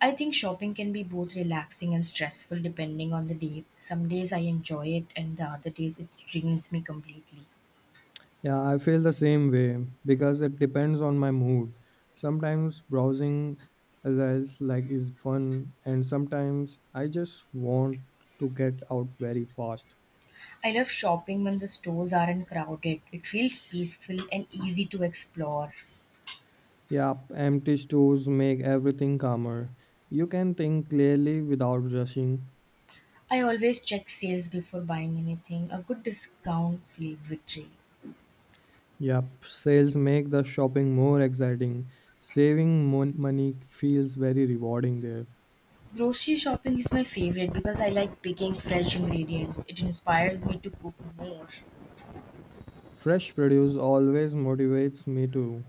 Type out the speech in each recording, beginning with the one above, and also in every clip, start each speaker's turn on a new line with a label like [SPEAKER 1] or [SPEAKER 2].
[SPEAKER 1] I think shopping can be both relaxing and stressful depending on the day. Some days I enjoy it, and the other days it drains me completely.
[SPEAKER 2] Yeah, I feel the same way because it depends on my mood. Sometimes browsing results like is fun and sometimes I just want to get out very fast.
[SPEAKER 1] I love shopping when the stores aren't crowded. It feels peaceful and easy to explore.
[SPEAKER 2] Yep, empty stores make everything calmer. You can think clearly without rushing.
[SPEAKER 1] I always check sales before buying anything. A good discount feels victory.
[SPEAKER 2] Yep, sales make the shopping more exciting. Saving money feels very rewarding there.
[SPEAKER 1] Grocery shopping is my favorite because I like picking fresh ingredients. It inspires me to cook more.
[SPEAKER 2] Fresh produce always motivates me too.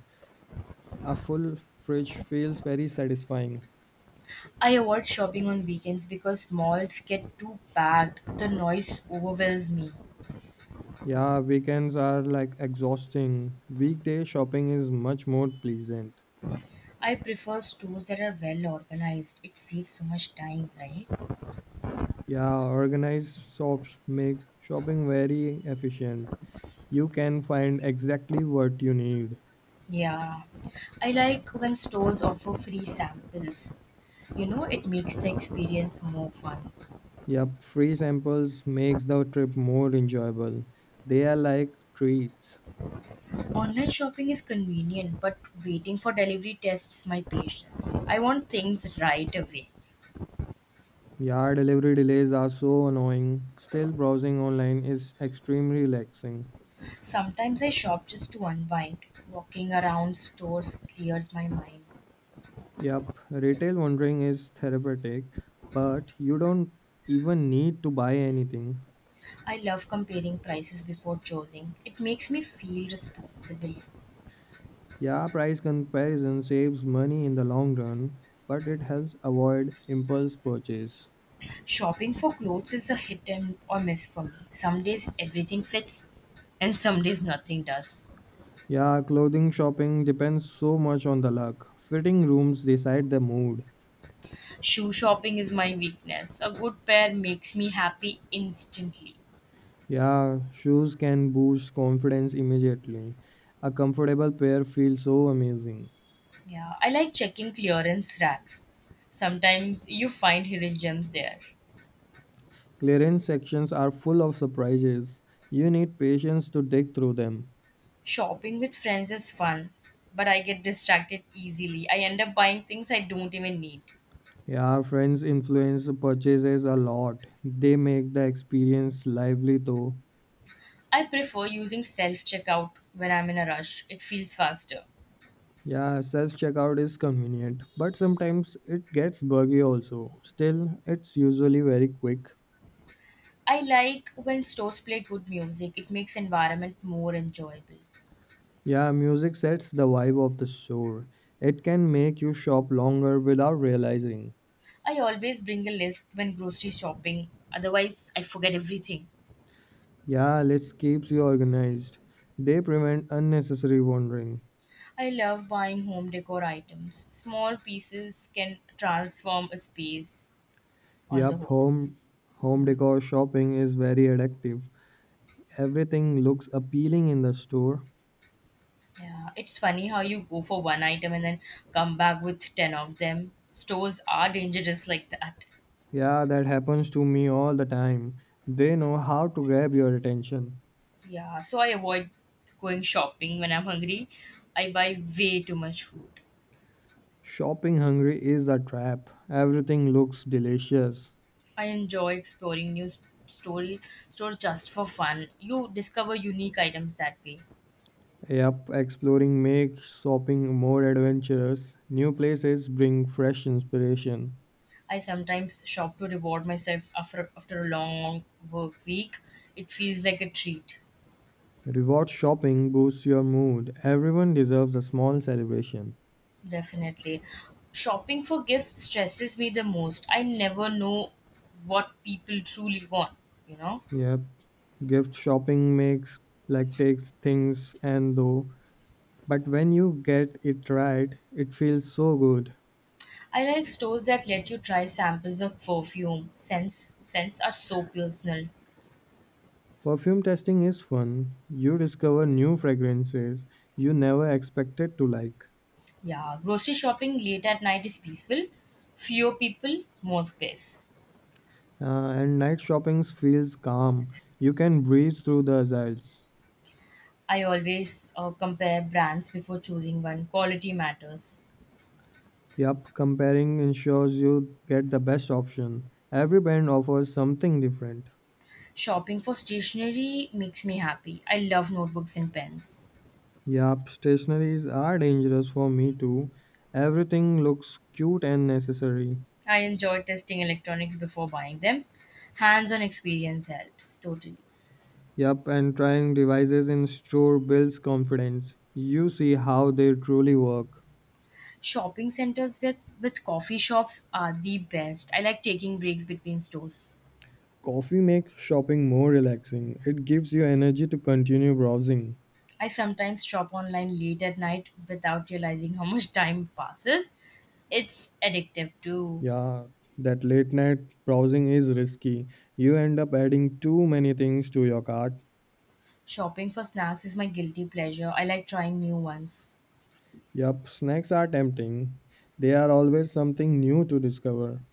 [SPEAKER 2] A full fridge feels very satisfying.
[SPEAKER 1] I avoid shopping on weekends because malls get too packed. The noise overwhelms me.
[SPEAKER 2] Yeah, weekends are like exhausting. Weekday shopping is much more pleasant.
[SPEAKER 1] I prefer stores that are well organized. It saves so much time, right?
[SPEAKER 2] Yeah, organized shops make shopping very efficient. You can find exactly what you need.
[SPEAKER 1] Yeah. I like when stores offer free samples. You know, it makes the experience more fun.
[SPEAKER 2] Yep, free samples makes the trip more enjoyable. They are like treats.
[SPEAKER 1] Online shopping is convenient, but waiting for delivery tests my patience. I want things right away.
[SPEAKER 2] Yeah, delivery delays are so annoying. Still browsing online is extremely relaxing.
[SPEAKER 1] Sometimes I shop just to unwind. Walking around stores clears my mind.
[SPEAKER 2] Yep, retail wandering is therapeutic, but you don't even need to buy anything.
[SPEAKER 1] I love comparing prices before choosing. It makes me feel responsible.
[SPEAKER 2] Yeah, price comparison saves money in the long run, but it helps avoid impulse purchase.
[SPEAKER 1] Shopping for clothes is a hit and or miss for me. Some days everything fits and some days nothing does.
[SPEAKER 2] Yeah, clothing shopping depends so much on the luck. Fitting rooms decide the mood.
[SPEAKER 1] Shoe shopping is my weakness. A good pair makes me happy instantly.
[SPEAKER 2] Yeah, shoes can boost confidence immediately. A comfortable pair feels so amazing.
[SPEAKER 1] Yeah, I like checking clearance racks. Sometimes you find hidden gems there.
[SPEAKER 2] Clearance sections are full of surprises. You need patience to dig through them.
[SPEAKER 1] Shopping with friends is fun, but I get distracted easily. I end up buying things I don't even need.
[SPEAKER 2] Yeah, friends influence purchases a lot. They make the experience lively though.
[SPEAKER 1] I prefer using self checkout when I'm in a rush, it feels faster.
[SPEAKER 2] Yeah, self checkout is convenient, but sometimes it gets buggy also. Still, it's usually very quick.
[SPEAKER 1] I like when stores play good music. It makes environment more enjoyable.
[SPEAKER 2] Yeah, music sets the vibe of the store. It can make you shop longer without realizing.
[SPEAKER 1] I always bring a list when grocery shopping. Otherwise, I forget everything.
[SPEAKER 2] Yeah, let's keeps you organized. They prevent unnecessary wandering.
[SPEAKER 1] I love buying home decor items. Small pieces can transform a space on the
[SPEAKER 2] Yup,
[SPEAKER 1] whole.
[SPEAKER 2] home decor shopping is very addictive. Everything looks appealing in the store.
[SPEAKER 1] Yeah, it's funny how you go for one item and then come back with 10 of them. Stores are dangerous like that.
[SPEAKER 2] Yeah, that happens to me all the time. They know how to grab your attention.
[SPEAKER 1] Yeah, so I avoid going shopping when I'm hungry. I buy way too much food.
[SPEAKER 2] Shopping hungry is a trap. Everything looks delicious.
[SPEAKER 1] I enjoy exploring new s- story stores just for fun. You discover unique items that way.
[SPEAKER 2] Yep, exploring makes shopping more adventurous. New places bring fresh inspiration.
[SPEAKER 1] I sometimes shop to reward myself after a long work week. It feels like a treat,
[SPEAKER 2] Reward shopping boosts your mood. Everyone deserves a small celebration.
[SPEAKER 1] definitely. Shopping for gifts stresses me the most. I never know what people truly want. You know,
[SPEAKER 2] Yep, gift shopping makes like takes things and though, but when you get it right, it feels so good.
[SPEAKER 1] I like stores that let you try samples of perfume. Scents are so personal.
[SPEAKER 2] Perfume testing is fun. You discover new fragrances you never expected to like.
[SPEAKER 1] Yeah, grocery shopping late at night is peaceful. Fewer people, more space.
[SPEAKER 2] And night shopping feels calm. You can breeze through the aisles.
[SPEAKER 1] I always compare brands before choosing one. Quality matters.
[SPEAKER 2] Yup, comparing ensures you get the best option. Every brand offers something different.
[SPEAKER 1] Shopping for stationery makes me happy. I love notebooks and pens.
[SPEAKER 2] Yup, stationaries are dangerous for me too. Everything looks cute and necessary.
[SPEAKER 1] I enjoy testing electronics before buying them. Hands on experience helps totally.
[SPEAKER 2] Yup, and trying devices in store builds confidence. You see how they truly work.
[SPEAKER 1] Shopping centers with coffee shops are the best. I like taking breaks between stores.
[SPEAKER 2] Coffee makes shopping more relaxing. It gives you energy to continue browsing.
[SPEAKER 1] I sometimes shop online late at night without realizing how much time passes. It's addictive too.
[SPEAKER 2] Yeah, that late night browsing is risky. You end up adding too many things to your cart.
[SPEAKER 1] Shopping for snacks is my guilty pleasure. I like trying new ones.
[SPEAKER 2] Yup, snacks are tempting. They are always something new to discover.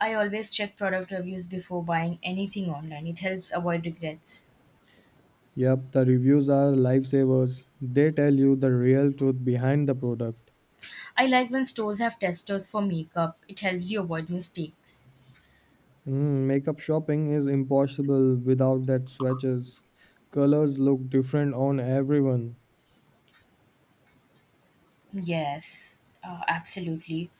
[SPEAKER 1] I always check product reviews before buying anything online. It helps avoid regrets.
[SPEAKER 2] Yup, the reviews are lifesavers. They tell you the real truth behind the product.
[SPEAKER 1] I like when stores have testers for makeup. It helps you avoid mistakes.
[SPEAKER 2] Mm, makeup shopping is impossible without that swatches. Colors look different on everyone.
[SPEAKER 1] Yes, absolutely.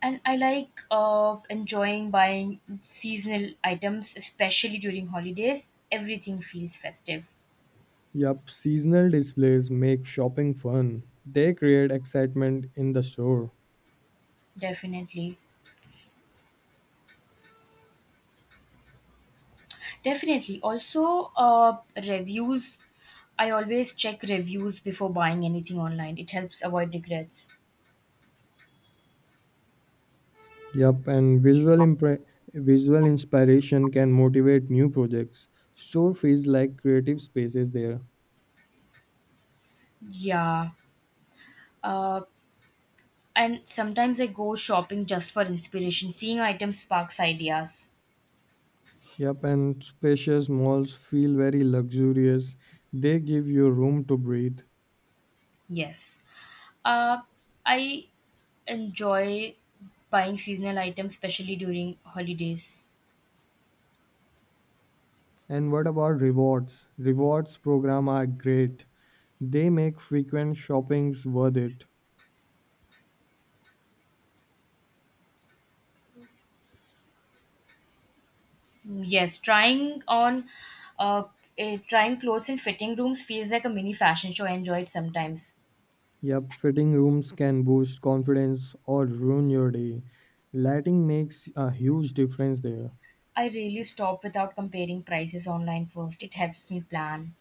[SPEAKER 1] And I like enjoying buying seasonal items, especially during holidays. Everything feels festive.
[SPEAKER 2] Yup, seasonal displays make shopping fun. They create excitement in the store.
[SPEAKER 1] Definitely. Definitely. Also, reviews. I always check reviews before buying anything online. It helps avoid regrets.
[SPEAKER 2] Yup, and visual inspiration can motivate new projects. Store feels like creative spaces there.
[SPEAKER 1] Yeah. Uh, and sometimes I go shopping just for inspiration. Seeing items sparks ideas.
[SPEAKER 2] Yup, and spacious malls feel very luxurious. They give you room to breathe.
[SPEAKER 1] Yes. Uh, I enjoy buying seasonal items, especially during holidays.
[SPEAKER 2] And what about rewards? Rewards program are great. They make frequent shoppings worth it.
[SPEAKER 1] Mm, yes, uh, trying clothes in fitting rooms feels like a mini fashion show. I enjoy it sometimes.
[SPEAKER 2] Yep, fitting rooms can boost confidence or ruin your day. Lighting makes a huge difference there.
[SPEAKER 1] I really stop without comparing prices online first. It helps me plan.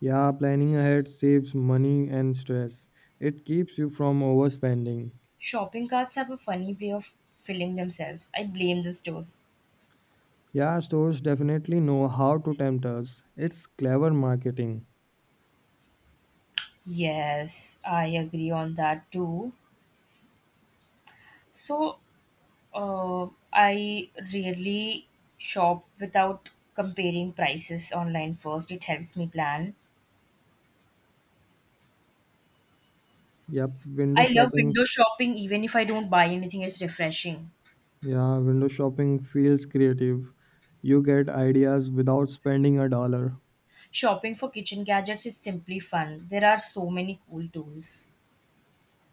[SPEAKER 2] Yeah, planning ahead saves money and stress. It keeps you from overspending.
[SPEAKER 1] Shopping carts have a funny way of filling themselves. I blame the stores.
[SPEAKER 2] Yeah, stores definitely know how to tempt us. It's clever marketing.
[SPEAKER 1] Yes, I agree on that too. So I rarely shop without comparing prices online first. It helps me plan.
[SPEAKER 2] Yep, window
[SPEAKER 1] I love
[SPEAKER 2] shopping.
[SPEAKER 1] window shopping even if I don't buy anything, it's refreshing.
[SPEAKER 2] Yeah, window shopping feels creative. You get ideas without spending a dollar.
[SPEAKER 1] Shopping for kitchen gadgets is simply fun. There are so many cool tools.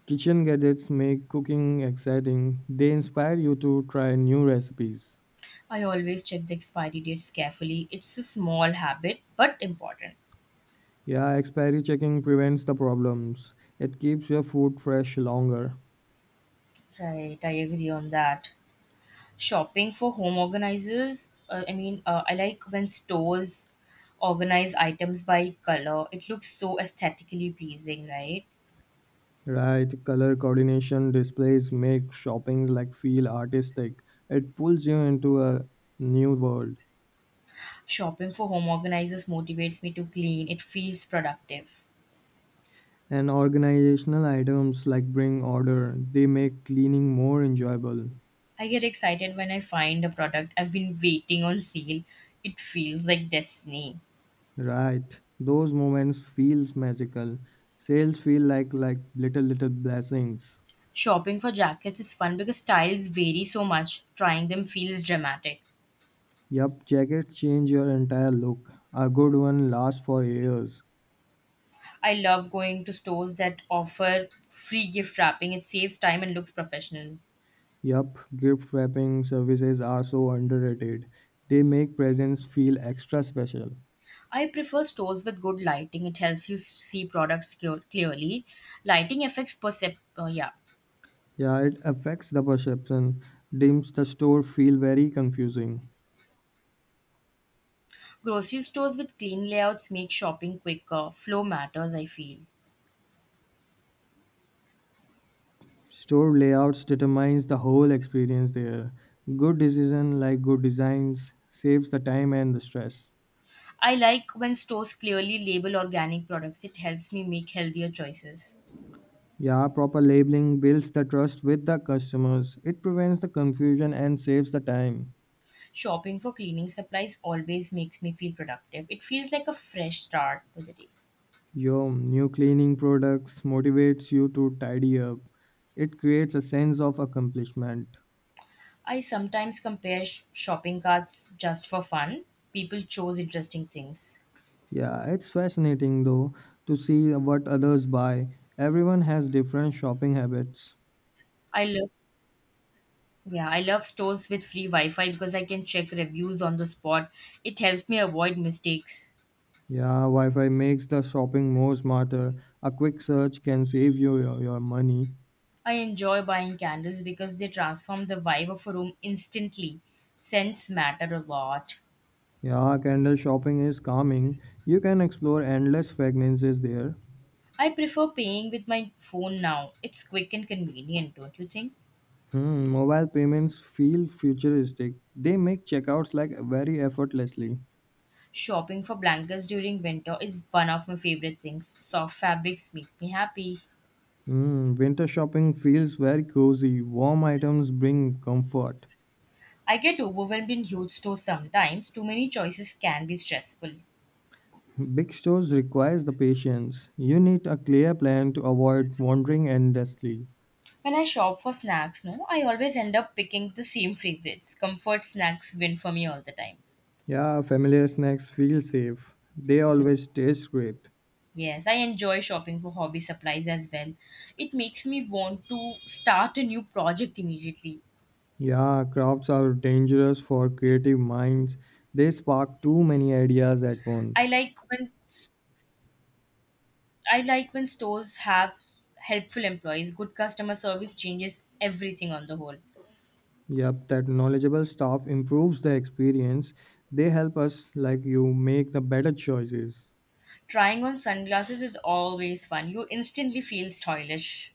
[SPEAKER 2] Kitchen gadgets make cooking exciting. They inspire you to try new recipes.
[SPEAKER 1] I always check the expiry dates carefully. It's a small habit but important.
[SPEAKER 2] Yeah, expiry checking prevents the problems. It keeps your food fresh longer.
[SPEAKER 1] Right, I agree on that. Shopping for home organizers I mean I like when stores organize items by color. It looks so aesthetically pleasing, right?
[SPEAKER 2] Right, color coordination displays make shopping like feel artistic. It pulls you into a new world.
[SPEAKER 1] Shopping for home organizers motivates me to clean. It feels productive.
[SPEAKER 2] And organizational items like bring order, they make cleaning more enjoyable.
[SPEAKER 1] I get excited when I find a product I've been waiting on sale. It feels like destiny.
[SPEAKER 2] Right, those moments feels magical. Sales feel like like little blessings.
[SPEAKER 1] Shopping for jackets is fun because styles vary so much. Trying them feels dramatic.
[SPEAKER 2] Yup, jackets change your entire look. A good one lasts for years.
[SPEAKER 1] I love going to stores that offer free gift wrapping. It saves time and looks professional.
[SPEAKER 2] Yup, gift wrapping services are so underrated. They make presents feel extra special.
[SPEAKER 1] I prefer stores with good lighting. It helps you see products clearly. Lighting affects percep. Yeah,
[SPEAKER 2] Yeah, it affects the perception, dims the store feel very confusing.
[SPEAKER 1] grocery stores with clean layouts make shopping quicker. Flow matters, I feel.
[SPEAKER 2] Store layouts determines the whole experience there. Good decision like good designs saves the time and the stress.
[SPEAKER 1] I like when stores clearly label organic products. It helps me make healthier choices.
[SPEAKER 2] Yeah, proper labeling builds the trust with the customers. It prevents the confusion and saves the time.
[SPEAKER 1] Shopping for cleaning supplies always makes me feel productive. It feels like a fresh start to the day.
[SPEAKER 2] Your new cleaning products motivates you to tidy up. It creates a sense of accomplishment.
[SPEAKER 1] I sometimes compare shopping carts just for fun. People chose interesting things.
[SPEAKER 2] Yeah, it's fascinating though to see what others buy. Everyone has different shopping habits.
[SPEAKER 1] I love Yeah, I love stores with free Wi Fi because I can check reviews on the spot. It helps me avoid mistakes.
[SPEAKER 2] Yeah, Wi Fi makes the shopping more smarter. A quick search can save you your money.
[SPEAKER 1] I enjoy buying candles because they transform the vibe of a room instantly. Scents matter a lot.
[SPEAKER 2] Yeah, candle shopping is calming. You can explore endless fragrances there.
[SPEAKER 1] I prefer paying with my phone now. It's quick and convenient, don't you think?
[SPEAKER 2] Hmm, mobile payments feel futuristic. They make checkouts like very effortlessly.
[SPEAKER 1] Shopping for blankets during winter is one of my favorite things. Soft fabrics make me happy.
[SPEAKER 2] Mm, winter shopping feels very cozy. Warm items bring comfort.
[SPEAKER 1] I get overwhelmed in huge stores sometimes. Too many choices can be stressful.
[SPEAKER 2] Big stores requires the patience. You need a clear plan to avoid wandering endlessly.
[SPEAKER 1] When I shop for snacks, no, I always end up picking the same favorites. Comfort snacks win for me all the time.
[SPEAKER 2] Yeah, familiar snacks feel safe. They always taste great.
[SPEAKER 1] Yes, I enjoy shopping for hobby supplies as well. It makes me want to start a new project immediately.
[SPEAKER 2] Yeah, crafts are dangerous for creative minds. They spark too many ideas at
[SPEAKER 1] I
[SPEAKER 2] once.
[SPEAKER 1] like when I like when stores have helpful employees. Good customer service changes everything on the whole.
[SPEAKER 2] Yep, that knowledgeable staff improves the experience. They help us, like you, make the better choices.
[SPEAKER 1] Trying on sunglasses is always fun. You instantly feel stylish.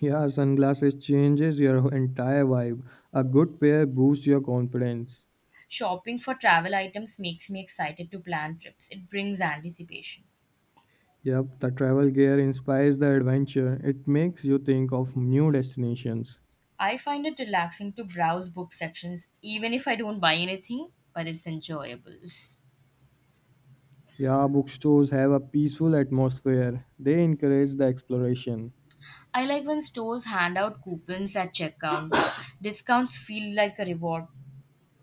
[SPEAKER 2] Yeah, sunglasses changes your entire vibe. A good pair boosts your confidence.
[SPEAKER 1] Shopping for travel items makes me excited to plan trips. It brings anticipation.
[SPEAKER 2] Yep, the travel gear inspires the adventure. It makes you think of new destinations.
[SPEAKER 1] I find it relaxing to browse book sections even if I don't buy anything, but it's enjoyable.
[SPEAKER 2] Yeah, bookstores have a peaceful atmosphere. They encourage the exploration.
[SPEAKER 1] I like when stores hand out coupons at checkout. Discounts feel like a reward.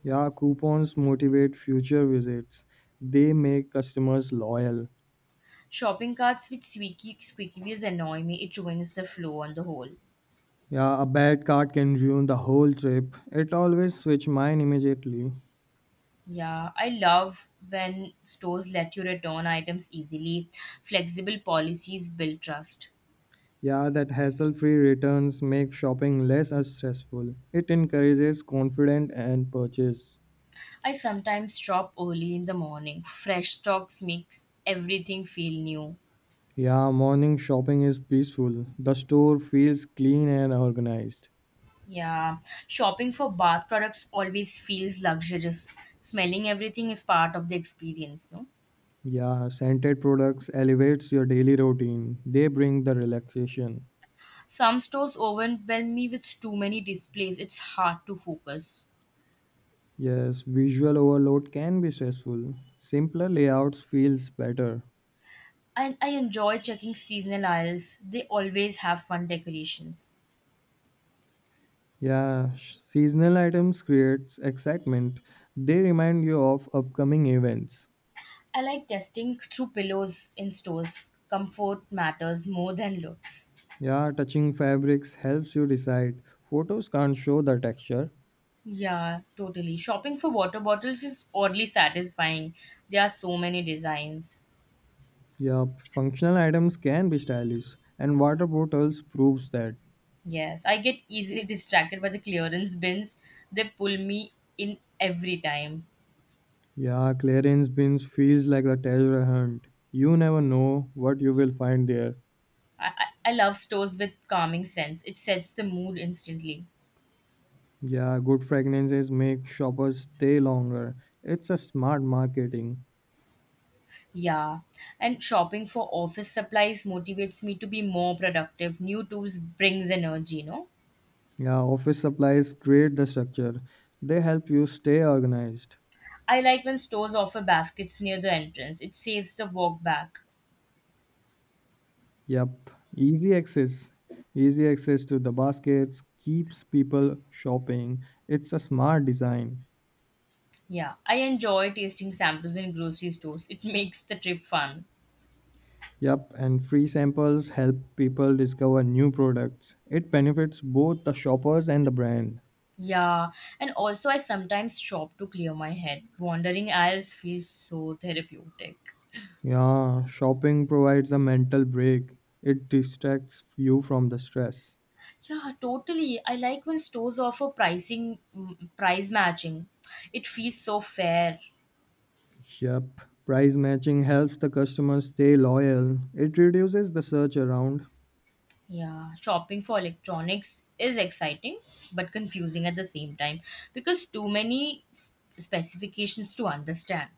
[SPEAKER 2] Yeah, coupons motivate future visits. They make customers loyal.
[SPEAKER 1] Shopping carts with squeaky wheels annoy me. It ruins the flow on the whole.
[SPEAKER 2] Yeah, a bad card can ruin the whole trip. It always switch mine immediately.
[SPEAKER 1] Yeah, I love when stores let you return items easily. Flexible policies build trust.
[SPEAKER 2] Yeah, that hassle free returns make shopping less as stressful. It encourages confidence and purchase.
[SPEAKER 1] I sometimes shop early in the morning. Fresh stocks makes everything feel new.
[SPEAKER 2] Yeah, morning shopping is peaceful. The store feels clean and organized.
[SPEAKER 1] Yeah, shopping for bath products always feels luxurious. Smelling everything is part of the experience, no?
[SPEAKER 2] Yeah, scented products elevates your daily routine. They bring the relaxation.
[SPEAKER 1] Some stores overwhelm me with too many displays. It's hard to focus.
[SPEAKER 2] Yes, visual overload can be stressful. Simpler layouts feels better.
[SPEAKER 1] And I enjoy checking seasonal aisles. They always have fun decorations.
[SPEAKER 2] Yeah, seasonal items creates excitement. They remind you of upcoming events.
[SPEAKER 1] I like testing through pillows in stores. Comfort matters more than looks.
[SPEAKER 2] Yeah, touching fabrics helps you decide. Photos can't show the texture.
[SPEAKER 1] Yeah, totally. Shopping for water bottles is oddly satisfying. There are so many designs.
[SPEAKER 2] Yup, functional items can be stylish, and water bottles proves that.
[SPEAKER 1] Yes, I get easily distracted by the clearance bins. They pull me in every time.
[SPEAKER 2] Yeah, clearance bins feels like a treasure hunt. You never know what you will find there.
[SPEAKER 1] I, I love stores with calming sense. It sets the mood instantly.
[SPEAKER 2] Yeah, good fragrances make shoppers stay longer. It's a smart marketing.
[SPEAKER 1] Yeah, and shopping for office supplies motivates me to be more productive. New tools brings energy, no?
[SPEAKER 2] Yeah, office supplies create the structure. They help you stay organized.
[SPEAKER 1] I like when stores offer baskets near the entrance. It saves the walk back.
[SPEAKER 2] Yep, easy access. Easy access to the baskets keeps people shopping. It's a smart design.
[SPEAKER 1] Yeah, I enjoy tasting samples in grocery stores. It makes the trip fun.
[SPEAKER 2] Yep, and free samples help people discover new products. It benefits both the shoppers and the brand.
[SPEAKER 1] Yeah, and also I sometimes stop to clear my head. Wandering aisles feels so therapeutic.
[SPEAKER 2] Yeah, shopping provides a mental break. It distracts you from the stress.
[SPEAKER 1] Yeah, totally. I like when stores offer price matching. It feels so fair.
[SPEAKER 2] Yep, price matching helps the customer stay loyal. It reduces the search around.
[SPEAKER 1] Yeah, shopping for electronics is exciting but confusing at the same time because too many specifications to understand.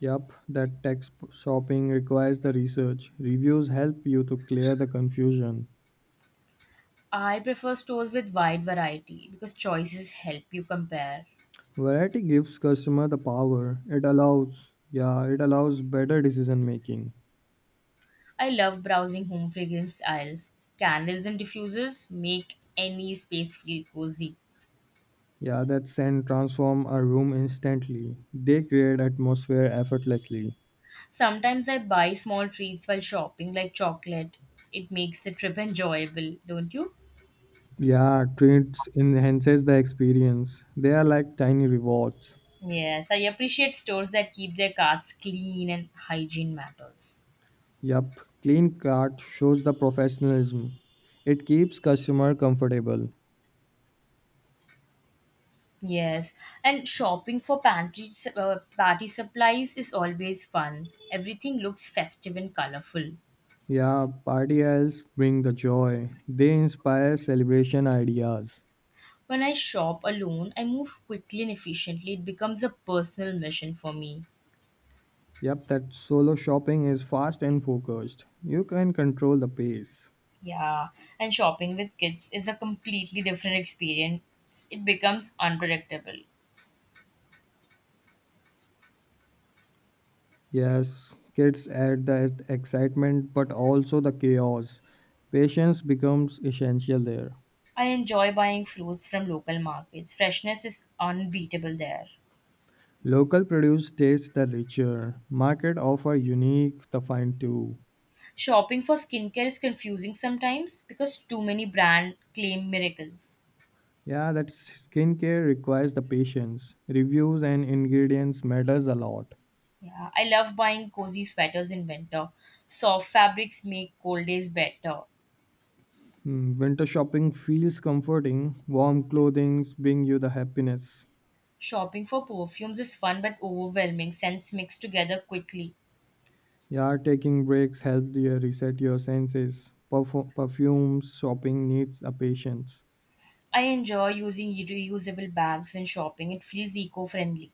[SPEAKER 2] Yup, that text shopping requires the research. Reviews help you to clear the confusion.
[SPEAKER 1] I prefer stores with wide variety because choices help you compare.
[SPEAKER 2] Variety gives customer the power. It allows, yeah, it allows better decision making.
[SPEAKER 1] I love browsing home fragrance aisles. Candles and diffusers make any space feel cozy.
[SPEAKER 2] Yeah, that scent transform a room instantly. They create atmosphere effortlessly.
[SPEAKER 1] Sometimes I buy small treats while shopping, like chocolate. It makes the trip enjoyable, don't you?
[SPEAKER 2] Yeah, treats enhances the experience. They are like tiny rewards.
[SPEAKER 1] Yes, I appreciate stores that keep their carts clean and hygiene matters.
[SPEAKER 2] Yup, clean cart shows the professionalism. It keeps customer comfortable.
[SPEAKER 1] Yes, and shopping for party supplies is always fun. Everything looks festive and colorful.
[SPEAKER 2] Yeah, party owls bring the joy. They inspire celebration ideas.
[SPEAKER 1] When I shop alone, I move quickly and efficiently. It becomes a personal mission for me.
[SPEAKER 2] Yep, that solo shopping is fast and focused. You can control the pace.
[SPEAKER 1] Yeah, and shopping with kids is a completely different experience. It becomes unpredictable.
[SPEAKER 2] Yes, kids add the excitement but also the chaos. Patience becomes essential there.
[SPEAKER 1] I enjoy buying fruits from local markets. Freshness is unbeatable there.
[SPEAKER 2] Local produce tastes the richer. Market offer unique the fine too.
[SPEAKER 1] Shopping for skincare is confusing sometimes because too many brands claim miracles.
[SPEAKER 2] Yeah, that skincare requires the patience. Reviews and ingredients matters a lot.
[SPEAKER 1] Yeah, I love buying cozy sweaters in winter. Soft fabrics make cold days better.
[SPEAKER 2] Hmm, winter shopping feels comforting. Warm clothing bring you the happiness.
[SPEAKER 1] Shopping for perfumes is fun but overwhelming, scents mix together quickly.
[SPEAKER 2] Yeah, taking breaks help you reset your senses. Perfumes shopping needs a patience.
[SPEAKER 1] I enjoy using reusable bags when shopping, it feels eco friendly.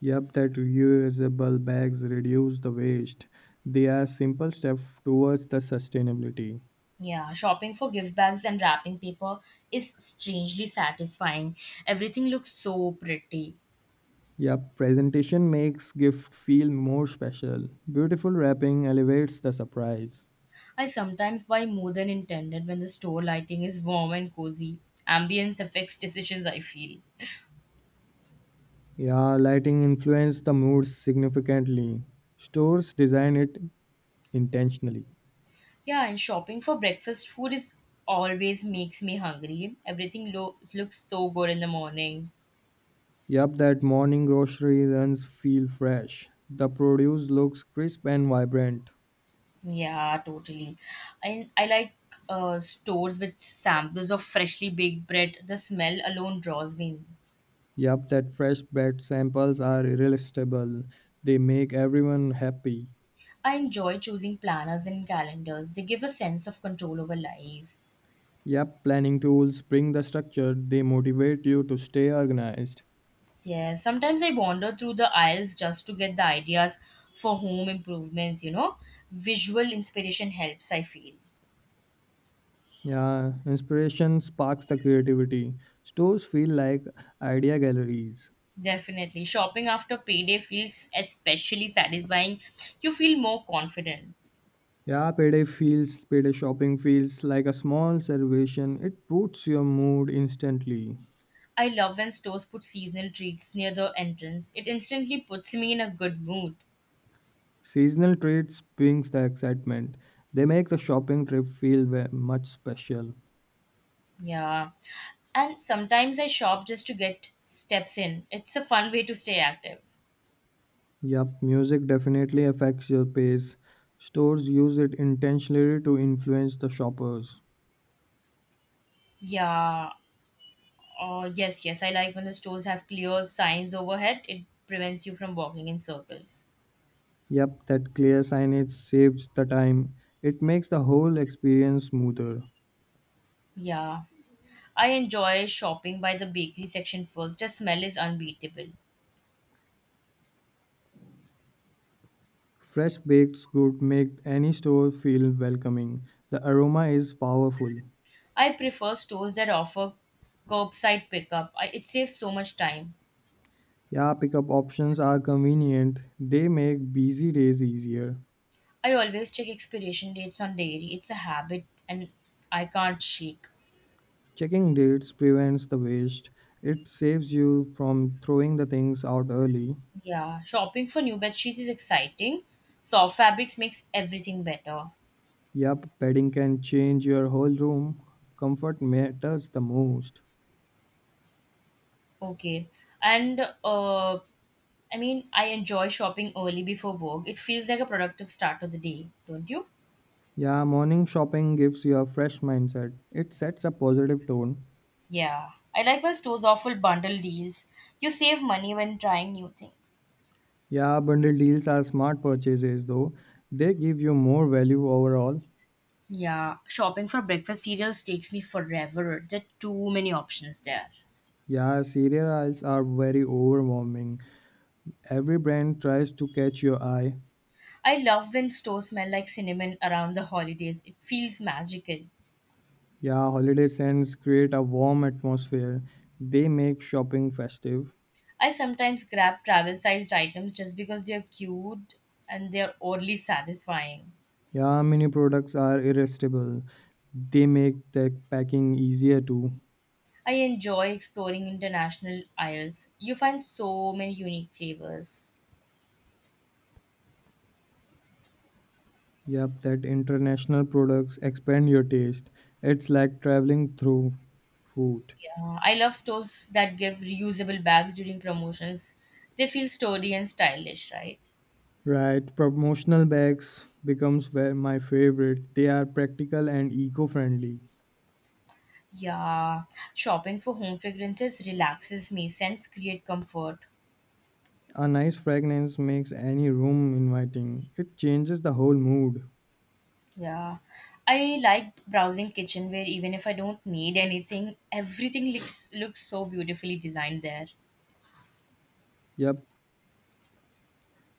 [SPEAKER 2] Yep, that reusable bags reduce the waste. They are simple steps towards the sustainability.
[SPEAKER 1] Yeah, shopping for gift bags and wrapping paper is strangely satisfying. Everything looks so pretty.
[SPEAKER 2] Yep, presentation makes gift feel more special. Beautiful wrapping elevates the surprise.
[SPEAKER 1] I sometimes buy more than intended when the store lighting is warm and cozy. Ambience affects decisions, I feel.
[SPEAKER 2] Yeah, lighting influence the mood significantly. Stores design it intentionally.
[SPEAKER 1] Yeah, and shopping for breakfast food is always makes me hungry. Everything looks so good in the morning.
[SPEAKER 2] Yup, that morning grocery runs feel fresh. The produce looks crisp and vibrant.
[SPEAKER 1] Yeah, totally. And I like stores with samples of freshly baked bread. The smell alone draws me in.
[SPEAKER 2] Yup, that fresh bread samples are irresistible. They make everyone happy.
[SPEAKER 1] I enjoy choosing planners and calendars. They give a sense of control over life.
[SPEAKER 2] Yup, planning tools bring the structure. They motivate you to stay organized.
[SPEAKER 1] Yeah, sometimes I wander through the aisles just to get the ideas for home improvements, you know. Visual inspiration helps, I feel.
[SPEAKER 2] Yeah, inspiration sparks the creativity. Stores feel like idea galleries.
[SPEAKER 1] Definitely. Shopping after payday feels especially satisfying. You feel more confident.
[SPEAKER 2] Yeah, payday shopping feels like a small celebration. It boosts your mood instantly.
[SPEAKER 1] I love when stores put seasonal treats near the entrance. It instantly puts me in a good mood.
[SPEAKER 2] Seasonal treats brings the excitement. They make the shopping trip much special.
[SPEAKER 1] Yeah. And sometimes I shop just to get steps in. It's a fun way to stay active.
[SPEAKER 2] Yup, music definitely affects your pace. Stores use it intentionally to influence the shoppers.
[SPEAKER 1] Yeah. Oh, yes, yes. I like when the stores have clear signs overhead. It prevents you from walking in circles.
[SPEAKER 2] Yup, that clear signage saves the time. It makes the whole experience smoother.
[SPEAKER 1] Yeah. I enjoy shopping by the bakery section first. The smell is unbeatable.
[SPEAKER 2] Fresh baked goods make any store feel welcoming. The aroma is powerful.
[SPEAKER 1] I prefer stores that offer curbside pickup. It saves so much time.
[SPEAKER 2] Yeah, pickup options are convenient. They make busy days easier.
[SPEAKER 1] I always check expiration dates on dairy. It's a habit and I can't shake.
[SPEAKER 2] Checking dates prevents the waste. It saves you from throwing the things out early.
[SPEAKER 1] Yeah, shopping for new bed sheets is exciting. Soft fabrics makes everything better.
[SPEAKER 2] Yup, bedding can change your whole room. Comfort matters the most.
[SPEAKER 1] Okay. And uh I enjoy shopping early before work. It feels like a productive start of the day, don't you?
[SPEAKER 2] Yeah, morning shopping gives you a fresh mindset. It sets a positive tone.
[SPEAKER 1] Yeah. I like my store's awful bundle deals. You save money when trying new things.
[SPEAKER 2] Yeah, bundle deals are smart purchases though. They give you more value overall.
[SPEAKER 1] Yeah, shopping for breakfast cereals takes me forever. There are too many options there.
[SPEAKER 2] Yeah, cereal aisles are very overwhelming. Every brand tries to catch your eye.
[SPEAKER 1] I love when stores smell like cinnamon around the holidays. It feels magical.
[SPEAKER 2] Yeah, holiday scents create a warm atmosphere. They make shopping festive.
[SPEAKER 1] I sometimes grab travel sized items just because they're cute and they're oddly satisfying.
[SPEAKER 2] Yeah, mini products are irresistible. They make the packing easier too.
[SPEAKER 1] I enjoy exploring international aisles. You find so many unique flavors.
[SPEAKER 2] Yep, that international products expand your taste. It's like traveling through food.
[SPEAKER 1] Yeah, I love stores that give reusable bags during promotions. They feel sturdy and stylish, right?
[SPEAKER 2] Right, promotional bags becomes where my favorite. They are practical and eco-friendly.
[SPEAKER 1] Yeah, shopping for home fragrances relaxes me. Scents create comfort.
[SPEAKER 2] A nice fragrance makes any room inviting. It changes the whole mood.
[SPEAKER 1] Yeah, I liked browsing kitchenware even if I don't need anything. Everything looks so beautifully designed there.
[SPEAKER 2] Yep,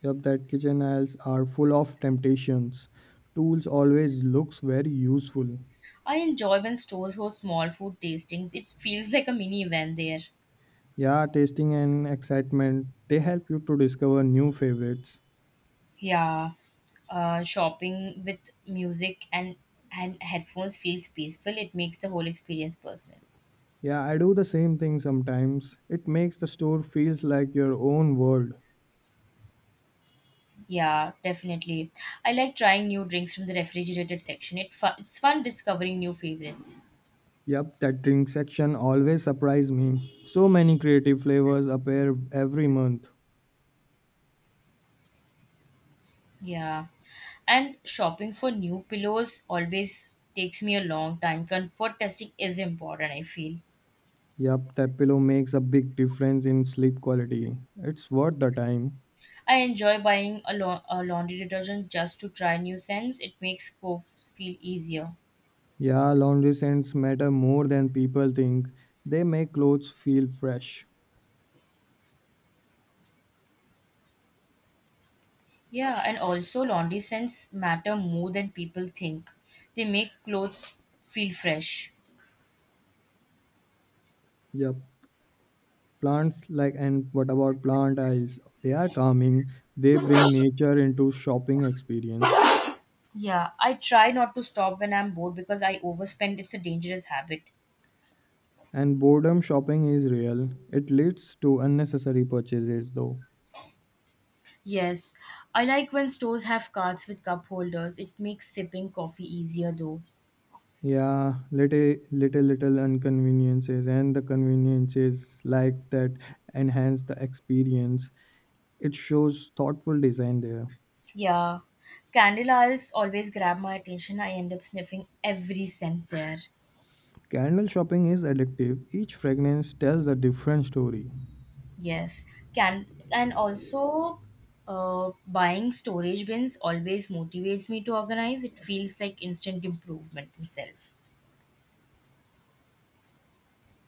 [SPEAKER 2] Yep, that kitchen aisles are full of temptations. Tools always looks very useful.
[SPEAKER 1] I enjoy when stores host small food tastings. It feels like a mini event there.
[SPEAKER 2] Yeah, tasting and excitement, they help you to discover new favorites.
[SPEAKER 1] Yeah, shopping with music and headphones feels peaceful. It makes the whole experience personal.
[SPEAKER 2] Yeah, I do the same thing sometimes. It makes the store feels like your own world.
[SPEAKER 1] Yeah, definitely. I like trying new drinks from the refrigerated section. It's fun discovering new favorites.
[SPEAKER 2] Yep, that drink section always surprise me. So many creative flavors appear every month.
[SPEAKER 1] Yeah. And shopping for new pillows always takes me a long time. Comfort testing is important, I feel.
[SPEAKER 2] Yep, that pillow makes a big difference in sleep quality. It's worth the time.
[SPEAKER 1] I enjoy buying a laundry detergent just to try new scents. It makes clothes feel easier.
[SPEAKER 2] Yeah, laundry scents matter more than people think. They make clothes feel fresh.
[SPEAKER 1] Yeah, and also laundry scents matter more than people think. They make clothes feel fresh.
[SPEAKER 2] Yep. Plants like and what about plant aisles? They are calming. They bring nature into shopping experience.
[SPEAKER 1] Yeah, I try not to stop when I'm bored because I overspend. It's a dangerous habit.
[SPEAKER 2] And boredom shopping is real. It leads to unnecessary purchases though.
[SPEAKER 1] Yes, I like when stores have carts with cup holders. It makes sipping coffee easier though.
[SPEAKER 2] Yeah, little inconveniences and the conveniences like that enhance the experience. It shows thoughtful design there.
[SPEAKER 1] Yeah, candle aisles always grab my attention. I end up sniffing every scent there.
[SPEAKER 2] Candle shopping is addictive. Each fragrance tells a different story.
[SPEAKER 1] Yes, can and also buying storage bins always motivates me to organize. It feels like instant improvement in self.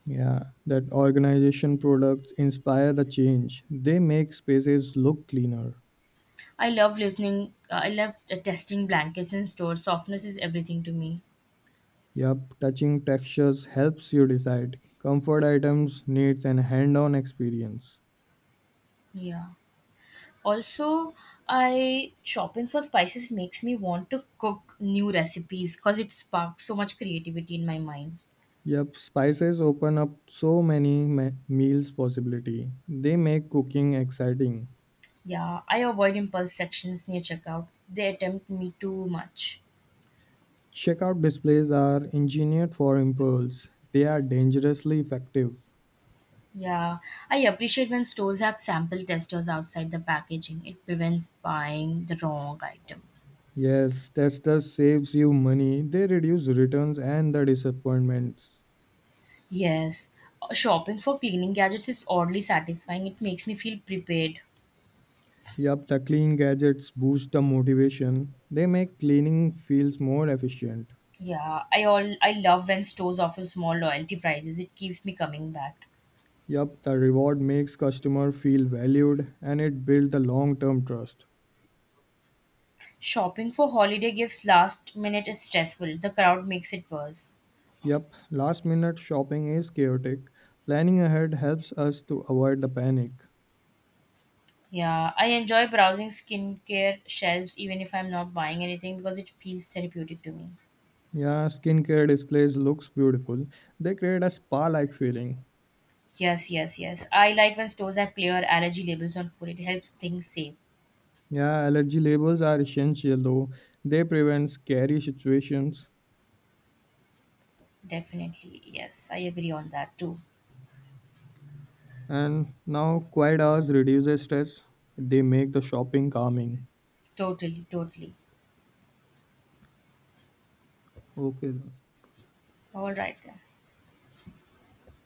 [SPEAKER 2] Yeah, that organization products inspire the change. They make spaces look cleaner.
[SPEAKER 1] I love listening. I love testing blankets in stores. Softness is everything to me.
[SPEAKER 2] Yup, touching textures helps you decide. Comfort items needs an hand-on experience.
[SPEAKER 1] Yeah. Also, I shopping for spices makes me want to cook new recipes because it sparks so much creativity in my mind.
[SPEAKER 2] Yup, spices open up so many meals possibility. They make cooking exciting.
[SPEAKER 1] Yeah, I avoid impulse sections near checkout. They tempt me too much.
[SPEAKER 2] Checkout displays are engineered for impulse. They are dangerously effective.
[SPEAKER 1] Yeah, I appreciate when stores have sample testers outside the packaging. It prevents buying the wrong item.
[SPEAKER 2] Yes, testers saves you money. They reduce returns and the disappointments.
[SPEAKER 1] Yes, shopping for cleaning gadgets is oddly satisfying. It makes me feel prepared.
[SPEAKER 2] Yup, the clean gadgets boost the motivation. They make cleaning feels more efficient.
[SPEAKER 1] Yeah, I love when stores offer small loyalty prizes. It keeps me coming back.
[SPEAKER 2] Yup, the reward makes customer feel valued and it builds the long-term trust.
[SPEAKER 1] Shopping for holiday gifts last minute is stressful. The crowd makes it worse.
[SPEAKER 2] Yup, last minute shopping is chaotic. Planning ahead helps us to avoid the panic.
[SPEAKER 1] Yeah, I enjoy browsing skincare shelves even if I'm not buying anything because it feels therapeutic to me.
[SPEAKER 2] Yeah, skincare displays looks beautiful. They create a spa-like feeling.
[SPEAKER 1] Yes, yes, yes. I like when stores have clear allergy labels on food. It helps things safe.
[SPEAKER 2] Yeah, allergy labels are essential though. They prevent scary situations.
[SPEAKER 1] Definitely. Yes, I agree on that too.
[SPEAKER 2] And now, quiet hours reduces stress. They make the shopping calming.
[SPEAKER 1] Totally, totally.
[SPEAKER 2] Okay.
[SPEAKER 1] All right then.